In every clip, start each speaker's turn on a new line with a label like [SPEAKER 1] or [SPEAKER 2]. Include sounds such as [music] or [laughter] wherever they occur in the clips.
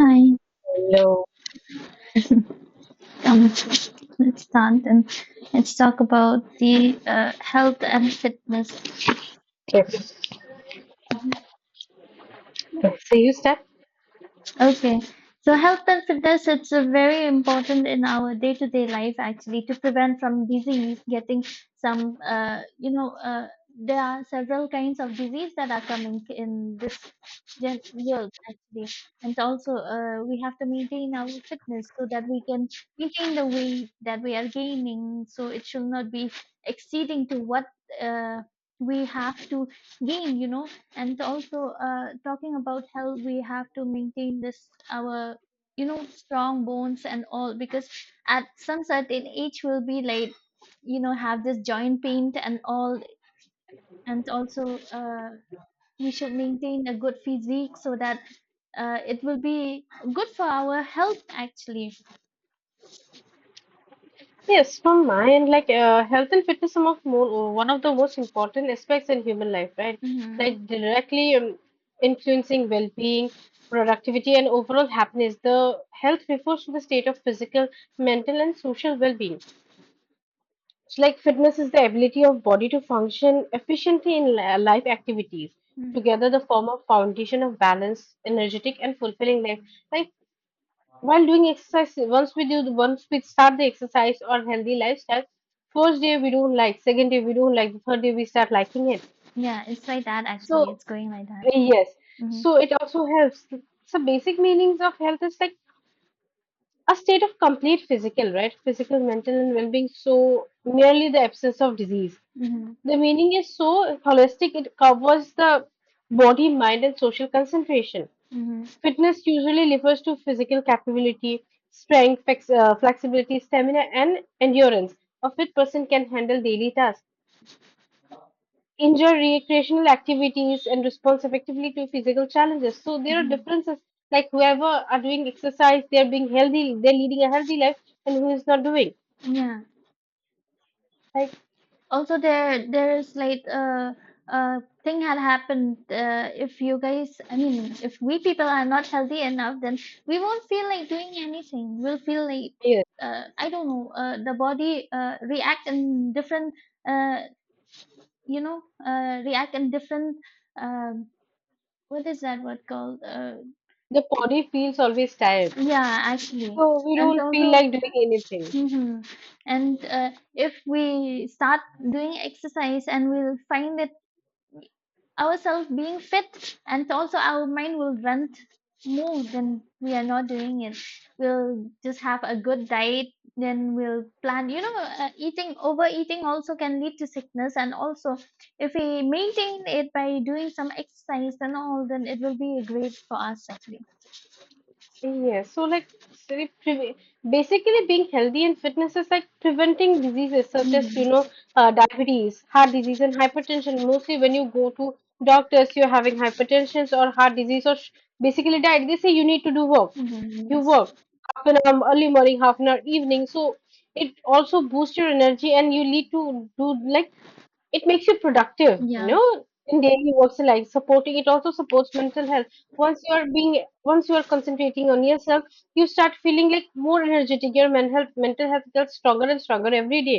[SPEAKER 1] Hi.
[SPEAKER 2] Hello.
[SPEAKER 1] [laughs] Um, let's start and let's talk about the health and fitness.
[SPEAKER 2] If so, you step.
[SPEAKER 1] Okay. So health and fitness, it's a very important in our day-to-day life actually to prevent from disease getting some, uh, you know, uh, there are several kinds of disease that are coming in this world actually. And also, we have to maintain our fitness so that we can maintain the weight that we are gaining. So it should not be exceeding to what, uh, we have to gain. And also talking about health, we have to maintain this our strong bones and all, because at some certain age we'll be like have this joint pain and all. And also we should maintain a good physique, so that it will be good for our health actually.
[SPEAKER 2] Yes, from my end, like health and fitness are of more, one of the most important aspects in human life, right?
[SPEAKER 1] Mm-hmm.
[SPEAKER 2] Like directly influencing well-being, productivity, and overall happiness. The health refers to the state of physical, mental, and social well-being. So, like fitness is the ability of body to function efficiently in life activities.
[SPEAKER 1] Mm-hmm.
[SPEAKER 2] Together, the form of foundation of balance, energetic, and fulfilling life. Like while doing exercise, once we start the exercise or healthy lifestyle, first day we don't like, second day we don't like, the third day we start liking it.
[SPEAKER 1] Yeah, it's like that
[SPEAKER 2] So,
[SPEAKER 1] actually, it's going like that.
[SPEAKER 2] yes,
[SPEAKER 1] Mm-hmm.
[SPEAKER 2] so it also helps. So, basic meanings of health is like a state of complete physical, right? Physical, mental, and well being. So, merely the absence of disease.
[SPEAKER 1] Mm-hmm.
[SPEAKER 2] The meaning is so holistic, it covers the body, mind, and social concentration.
[SPEAKER 1] Mm-hmm.
[SPEAKER 2] Fitness usually refers to physical capability, strength, flexibility, stamina, and endurance. A fit person can handle daily tasks, enjoy recreational activities, and respond effectively to physical challenges. So there are
[SPEAKER 1] Mm-hmm.
[SPEAKER 2] differences. Like whoever are doing exercise, they are being healthy, they're leading a healthy life, and who is not doing.
[SPEAKER 1] Yeah.
[SPEAKER 2] Like
[SPEAKER 1] Also, there is like a thing had happened. If you guys, I mean, if we people are not healthy enough, then we won't feel like doing anything. We'll feel like
[SPEAKER 2] yes,
[SPEAKER 1] I don't know. The body react in different. Uh, react in different. Um, what is that word called?
[SPEAKER 2] the body feels always tired,
[SPEAKER 1] Yeah, actually,
[SPEAKER 2] so we
[SPEAKER 1] and
[SPEAKER 2] don't feel
[SPEAKER 1] also.
[SPEAKER 2] like doing anything.
[SPEAKER 1] Hmm. And if we start doing exercise, and we'll find it ourselves being fit, and also our mind will move, then we are not doing it, we'll just have a good diet. Then we'll plan, eating overeating also can lead to sickness. And also, if we maintain it by doing some exercise and all, then it will be great for us actually.
[SPEAKER 2] Yeah, so like, basically being healthy and fitness is like preventing diseases such as you know
[SPEAKER 1] Mm-hmm.
[SPEAKER 2] diabetes, heart disease, and hypertension. Mostly when you go to doctors, you're having hypertension or heart disease or basically diet. They say you need to do work.
[SPEAKER 1] Mm-hmm.
[SPEAKER 2] You
[SPEAKER 1] Yes.
[SPEAKER 2] work half an hour early morning, half an hour evening. So it also boosts your energy and you lead to do like it makes you productive, you
[SPEAKER 1] Yeah.
[SPEAKER 2] know, in daily works, like supporting, it also supports mental health. Once you are being, once you are concentrating on yourself, you start feeling like more energetic, your mental health gets stronger and stronger every day.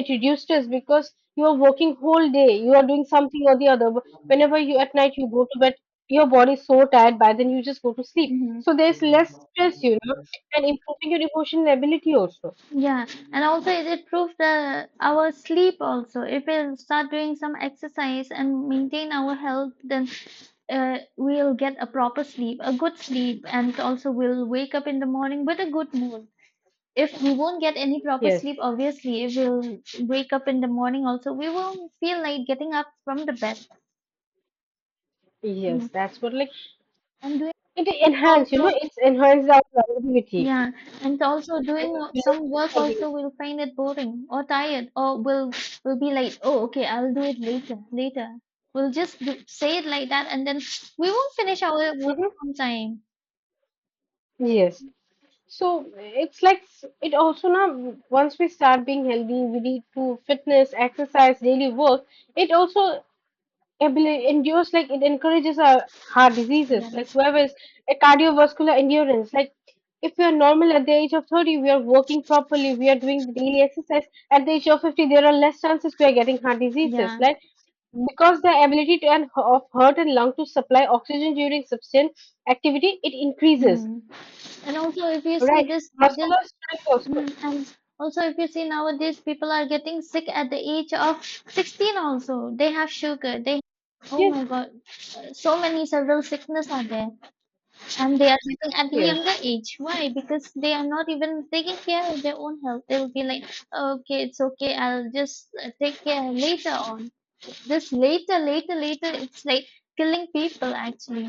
[SPEAKER 2] It reduces stress because you are working whole day, you are doing something or the other. Whenever you at night you go to bed, your body is so tired by then, you just go to sleep.
[SPEAKER 1] Hmm.
[SPEAKER 2] So there's less stress, you know, and improving your emotional ability also.
[SPEAKER 1] Yeah, and also it improves the our sleep also. If we start doing some exercise and maintain our health, then we'll get a proper sleep, a good sleep, and also we'll wake up in the morning with a good mood. If we won't get any proper
[SPEAKER 2] Yes,
[SPEAKER 1] sleep, obviously, if we'll wake up in the morning also, we won't feel like getting up from the bed. Mhm.
[SPEAKER 2] yes, that's what. Like
[SPEAKER 1] And doing
[SPEAKER 2] It enhance, you
[SPEAKER 1] also,
[SPEAKER 2] know, it's enhanced our productivity
[SPEAKER 1] yeah, and also doing
[SPEAKER 2] and
[SPEAKER 1] some work also,
[SPEAKER 2] it
[SPEAKER 1] we'll find it boring or tired, or we'll be like, oh, okay, I'll do it later, later. We'll just do, say it like that, and then we won't finish our work
[SPEAKER 2] hmm
[SPEAKER 1] on time.
[SPEAKER 2] yes. So it's like, it also now once we start being healthy, we need to fitness, exercise, daily work. It also endures, like it encourages our heart
[SPEAKER 1] Yeah,
[SPEAKER 2] diseases, like whoever is a cardiovascular endurance. Like if we are normal at the age of 30, we are working properly, we are doing the daily exercise. At the age of 50, there are less chances we are getting heart diseases.
[SPEAKER 1] yeah.
[SPEAKER 2] Like because the ability to, and of heart and lung to supply oxygen during sustained activity, it increases,
[SPEAKER 1] Hmm. And also, if you see
[SPEAKER 2] right? Muscular strength also.
[SPEAKER 1] and also if you see nowadays, people are getting sick at the age of 16 also. They have sugar. They, oh my
[SPEAKER 2] Yes,
[SPEAKER 1] God, so many several sickness are there. And they are getting at the
[SPEAKER 2] yes.
[SPEAKER 1] younger age. Why? Because they are not even taking care of their own health. They will be like, okay, it's okay. I'll just take care later on. This later, later, later, it's like killing people actually.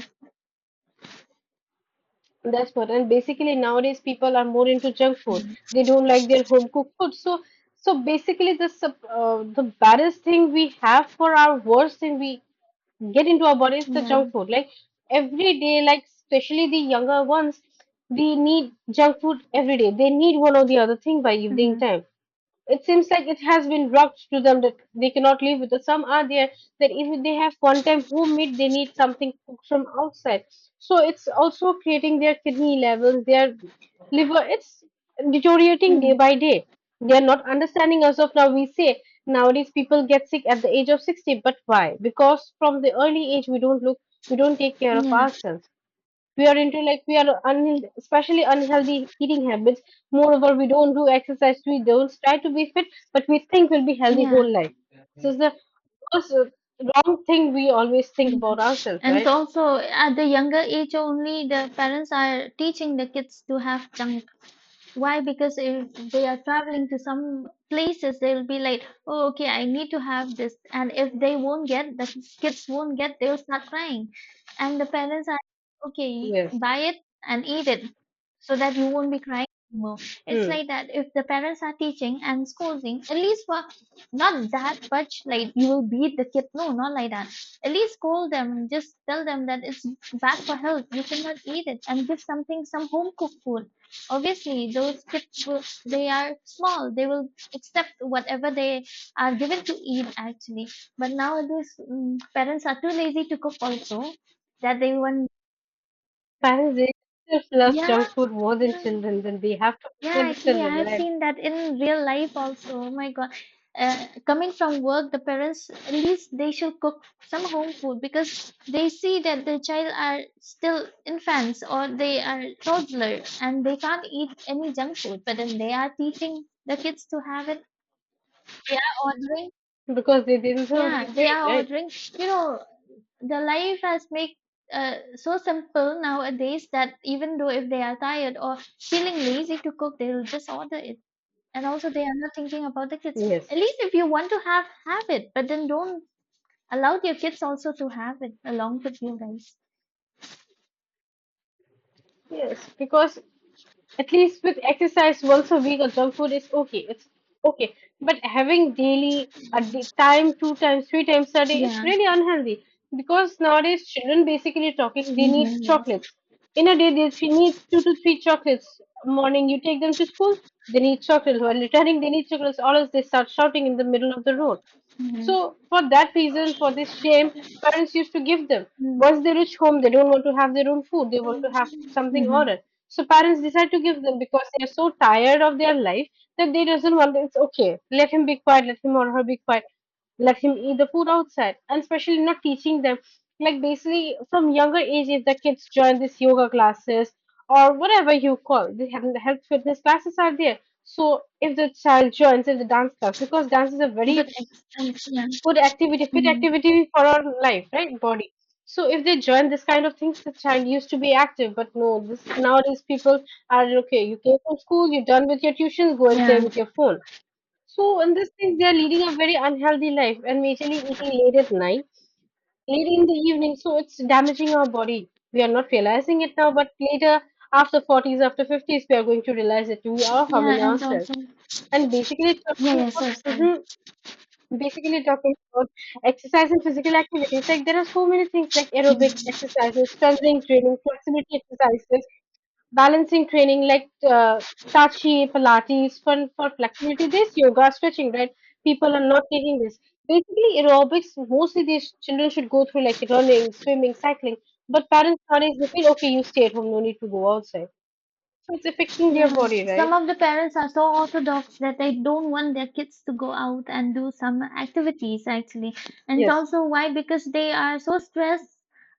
[SPEAKER 2] That's what. And basically nowadays people are more into junk food. They don't like their home cooked food. So, so basically the the baddest thing we have for our, worst thing we get into our body is the
[SPEAKER 1] Yeah.
[SPEAKER 2] junk food. Like every day, like especially the younger ones, they need junk food every day, they need one or the other thing by evening
[SPEAKER 1] Mm-hmm.
[SPEAKER 2] time. It seems like it has been dropped to them that they cannot live with it. Some are there that if they have one time home made, they need something cooked from outside. So it's also creating their kidney levels, their liver. It's deteriorating day
[SPEAKER 1] Mm.
[SPEAKER 2] by day. They are not understanding as of now. We say nowadays people get sick at the age of 60, but why? Because from the early age, we don't look, we don't take care of
[SPEAKER 1] Yeah.
[SPEAKER 2] ourselves. We are into like, we are unhealthy, especially unhealthy eating habits. Moreover, we don't do exercise, we don't try to be fit, but we think we'll be healthy
[SPEAKER 1] Yeah.
[SPEAKER 2] whole life. This is the worst, wrong thing we always think
[SPEAKER 1] Mm-hmm.
[SPEAKER 2] about ourselves,
[SPEAKER 1] And
[SPEAKER 2] right?
[SPEAKER 1] also, at the younger age only, the parents are teaching the kids to have junk. Why? Because if they are traveling to some places, they'll be like, oh, okay, I need to have this. And if they won't get, the kids won't get, they'll start crying. And the parents are, okay,
[SPEAKER 2] Yes.
[SPEAKER 1] buy it and eat it so that you won't be crying anymore. It's
[SPEAKER 2] Hmm.
[SPEAKER 1] like that. If the parents are teaching and scolding, at least for not that much, like you will beat the kid. No, not like that. At least scold them. Just tell them that it's bad for health. You cannot eat it, and give something, some home cooked food. Obviously those kids will, they are small, they will accept whatever they are given to eat actually. But nowadays parents are too lazy to cook also, that they want.
[SPEAKER 2] Parents, they themselves love
[SPEAKER 1] Yeah.
[SPEAKER 2] junk food more than
[SPEAKER 1] Yeah.
[SPEAKER 2] children, then they have to
[SPEAKER 1] Yeah,
[SPEAKER 2] prepare the
[SPEAKER 1] actually, I
[SPEAKER 2] children,
[SPEAKER 1] have
[SPEAKER 2] right?
[SPEAKER 1] seen that in real life also. Oh my God. Coming from work, the parents, at least they should cook some home food, because they see that the child are still infants or they are toddler, and they can't eat any junk food. But then they are teaching the kids to have it. They are ordering.
[SPEAKER 2] Because they themselves
[SPEAKER 1] Yeah,
[SPEAKER 2] used to
[SPEAKER 1] they
[SPEAKER 2] eat,
[SPEAKER 1] are
[SPEAKER 2] right?
[SPEAKER 1] ordering. You know, the life has made so simple nowadays, that even though if they are tired or feeling lazy to cook, they'll just order it. And also they are not thinking about the kids. At
[SPEAKER 2] Yes,
[SPEAKER 1] least if you want to have it, but then don't allow your kids also to have it along with you guys.
[SPEAKER 2] yes, because at least with exercise once a week or junk food is okay. It's okay. But having daily a day, time, two times, three times a day, it's
[SPEAKER 1] Yeah.
[SPEAKER 2] really unhealthy. Because nowadays children, basically talking, they need
[SPEAKER 1] Mm-hmm. Yes.
[SPEAKER 2] chocolates. In a day, they, she needs two to three chocolates. Morning, you take them to school, they need chocolates. While returning, they need chocolates. Or else they start shouting in the middle of the road. So
[SPEAKER 1] Mm-hmm.
[SPEAKER 2] for that reason, for this shame, parents used to give them. Once they reach home, they don't want to have their own food. They want to have something
[SPEAKER 1] Mm-hmm.
[SPEAKER 2] ordered. So parents decide to give them because they are so tired of their life that they doesn't want. It's okay. Let him be quiet. Let him or her be quiet. Let him eat the food outside. And especially not teaching them. Like basically from younger age, if the kids join this yoga classes or whatever you call, they have the health fitness classes are there. So if the child joins in the dance class, because dance is a very
[SPEAKER 1] Yeah.
[SPEAKER 2] good activity, fit
[SPEAKER 1] Hmm.
[SPEAKER 2] activity for our life, right? Body. So if they join this kind of things, the child used to be active, but no, this nowadays people are okay. You came from school, you're done with your tuitions, go and play
[SPEAKER 1] Yeah,
[SPEAKER 2] with your phone. So in these things, they are leading a very unhealthy life and majorly eating late at night, late in the evening. So it's damaging our body. We are not realizing it now, but later, after 40s, after 50s, we are going to realize that we are
[SPEAKER 1] yeah
[SPEAKER 2] harming
[SPEAKER 1] and
[SPEAKER 2] ourselves.
[SPEAKER 1] also
[SPEAKER 2] And basically
[SPEAKER 1] yeah
[SPEAKER 2] talking
[SPEAKER 1] yeah
[SPEAKER 2] about,
[SPEAKER 1] so.
[SPEAKER 2] mm-hmm, basically talking about exercise and physical activities, like there are so many things like aerobic
[SPEAKER 1] Sorry.
[SPEAKER 2] exercises, strengthening training, flexibility exercises, balancing training, like Tai Chi, Pilates, fun for flexibility. This yoga, stretching, right? People are not taking this. Basically, aerobics, mostly these children should go through like running, swimming, cycling. But parents nowadays, they feel, okay, you stay at home, no need to go outside. So it's affecting their
[SPEAKER 1] Yeah,
[SPEAKER 2] body, right?
[SPEAKER 1] some of the parents are so orthodox that they don't want their kids to go out and do some activities actually. And
[SPEAKER 2] Yes.
[SPEAKER 1] also why? Because they are so stressed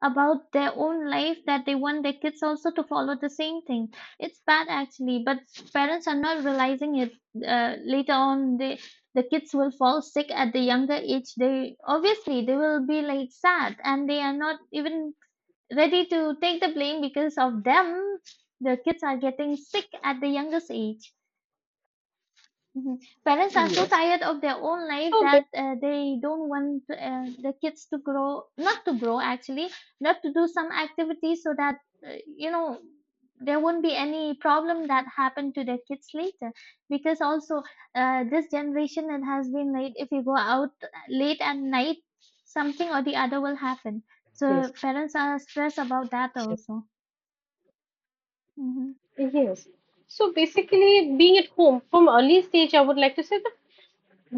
[SPEAKER 1] about their own life, that they want their kids also to follow the same thing. It's bad actually, but parents are not realizing it. Later on, they, the kids will fall sick at the younger age. They obviously they will be like sad, and they are not even ready to take the blame. Because of them the kids are getting sick at the youngest age. Mhm. Parents are so
[SPEAKER 2] Yes.
[SPEAKER 1] tired of their own life
[SPEAKER 2] So,
[SPEAKER 1] that they don't want the kids to grow not to grow actually, not to do some activities, so that uh, you know there won't be any problem that happened to their kids later. Because also this generation, it has been like if you go out late at night, something or the other will happen. So
[SPEAKER 2] yes.
[SPEAKER 1] parents are stressed about that also. Mhm.
[SPEAKER 2] Yes. So basically, being at home from early stage, I would like to say that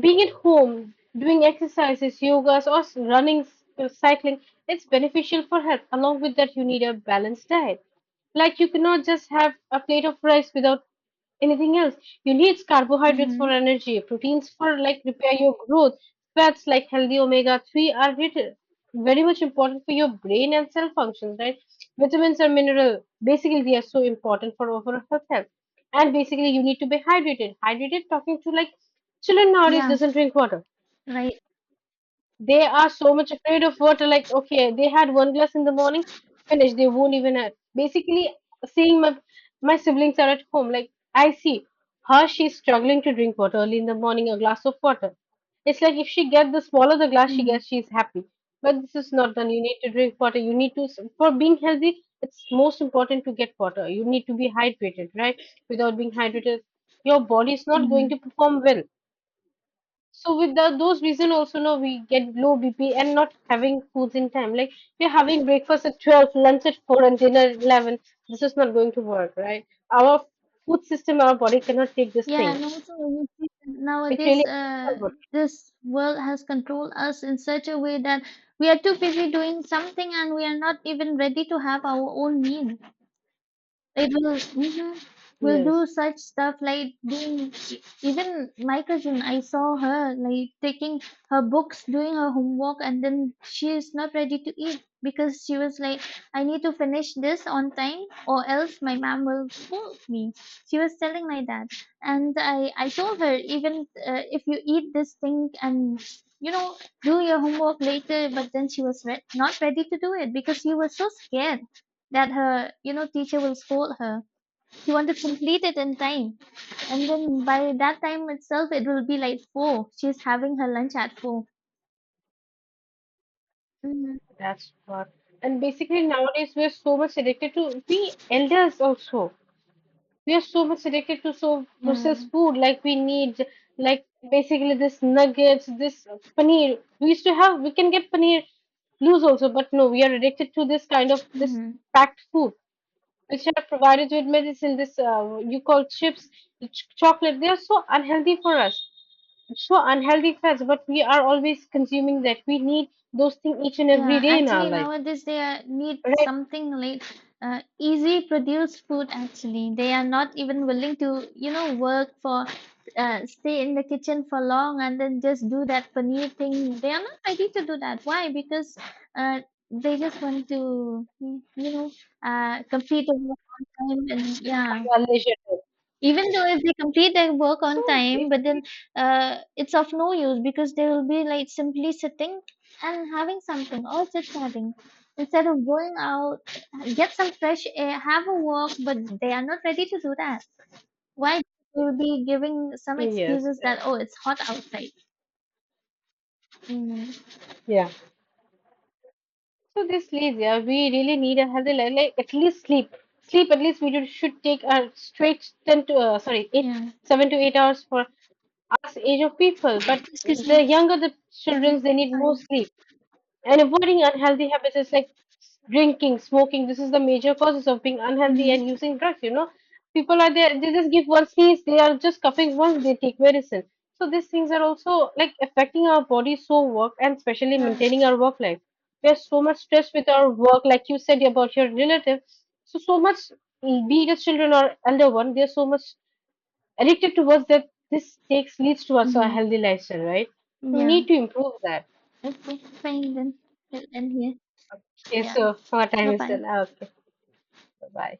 [SPEAKER 2] being at home, doing exercises, yogas, or running, cycling, it's beneficial for health. Along with that, you need a balanced diet. Like you cannot just have a plate of rice without anything else. You need carbohydrates for
[SPEAKER 1] Mhm.
[SPEAKER 2] energy, proteins for like repair your growth, fats like healthy omega 3 are vital, very much important for your brain and cell functions, right? Vitamins and mineral basically they are so important for overall health. And basically you need to be hydrated, hydrated, talking to like children nowadays
[SPEAKER 1] Yeah.
[SPEAKER 2] doesn't drink water,
[SPEAKER 1] Right.
[SPEAKER 2] they are so much afraid of water. Like, okay, they had one glass in the morning, finish. They won't even have. Basically, seeing my siblings are at home, like I see her, she's struggling to drink water early in the morning, a glass of water. It's like if she gets the smaller, the glass she
[SPEAKER 1] Mhm.
[SPEAKER 2] gets, she's happy. But this is not done. You need to drink water. You need to, for being healthy, it's most important to get water. You need to be hydrated, right? Without being hydrated, your body is not going
[SPEAKER 1] Mhm.
[SPEAKER 2] to perform well. So without those reason also, no, we get low BP and not having foods in time. Like we're having breakfast at 12, lunch at 4 and dinner at 11. This is not going to work, right? Our food system, our body cannot take these
[SPEAKER 1] Yeah. And
[SPEAKER 2] things.
[SPEAKER 1] also, you see that
[SPEAKER 2] It
[SPEAKER 1] nowadays,
[SPEAKER 2] really affects our
[SPEAKER 1] this world has controlled us in such a way that we are too busy doing something, and we are not even ready to have our own meal. It will, mhm,
[SPEAKER 2] body.
[SPEAKER 1] will do
[SPEAKER 2] Yes,
[SPEAKER 1] such stuff like doing, even my cousin, I saw her like taking her books, doing her homework, and then she is not ready to eat because she was like, I need to finish this on time or else my mom will scold me. She was telling like that. And I told her, even if you eat this thing and you know, do your homework later, but then she was not ready to do it because she was so scared that her, teacher will scold her. She want to complete it in time. And then by that time itself, it will be like four. She's having her lunch at four. Mm-hmm.
[SPEAKER 2] that's what. And basically nowadays we're so much addicted to, we elders also, we are so much addicted to so
[SPEAKER 1] Yeah.
[SPEAKER 2] processed food, like we need, like basically this nuggets, this paneer we used to have, we can get paneer loose also, but no, we are addicted to this kind of this
[SPEAKER 1] Mhm.
[SPEAKER 2] packed food which are provided with medicine, this you call chips, chocolate, they are so unhealthy for us, so unhealthy for us, but we are always consuming that, we need those things each and every
[SPEAKER 1] Yeah,
[SPEAKER 2] day in our
[SPEAKER 1] actually
[SPEAKER 2] life,
[SPEAKER 1] nowadays they are, need
[SPEAKER 2] right,
[SPEAKER 1] something like easy produced food actually. They are not even willing to, you know, work for stay in the kitchen for long, and then just do that paneer thing. They are not ready to do that. Why? Because uh, they just want to, you know, complete the work on time and
[SPEAKER 2] by
[SPEAKER 1] yeah.
[SPEAKER 2] our leisure time.
[SPEAKER 1] Even though if they complete their work on
[SPEAKER 2] So
[SPEAKER 1] time, but then
[SPEAKER 2] basically,
[SPEAKER 1] it's of no use, because they will be like simply sitting and having something or just having, instead of going out, get some fresh air, have a walk, but they are not ready to do that. Why? They will be giving some
[SPEAKER 2] yes,
[SPEAKER 1] excuses that oh, it's hot outside. Mm,
[SPEAKER 2] yeah, so this leads, yeah, we really need a healthy life, like at least sleep. Sleep at least we should take a straight 10 to sorry eight,
[SPEAKER 1] yeah.
[SPEAKER 2] seven to 8 hours for us age of people. But
[SPEAKER 1] Excuse me.
[SPEAKER 2] the younger the
[SPEAKER 1] Mm-hmm.
[SPEAKER 2] children, they need more
[SPEAKER 1] Sorry.
[SPEAKER 2] sleep. And avoiding unhealthy habits is like drinking, smoking. This is the major causes of being unhealthy and
[SPEAKER 1] Mm-hmm.
[SPEAKER 2] using drugs. You know, people are there. They just give one sneeze. They are just coughing once. They take medicine. So these things are also like affecting our body, so work and especially
[SPEAKER 1] Yeah.
[SPEAKER 2] maintaining our work life. We are so much stressed with our work, like you said about your relative. So so much, be it as children or elder one, they are so much addicted towards that. This takes leads towards a
[SPEAKER 1] Hmm.
[SPEAKER 2] healthy lifestyle, right? We
[SPEAKER 1] Yeah.
[SPEAKER 2] need to improve that.
[SPEAKER 1] Okay. Fine then. We'll end here.
[SPEAKER 2] Okay,
[SPEAKER 1] Yeah.
[SPEAKER 2] so our
[SPEAKER 1] Bye
[SPEAKER 2] time is
[SPEAKER 1] bye.
[SPEAKER 2] done. Okay, bye bye.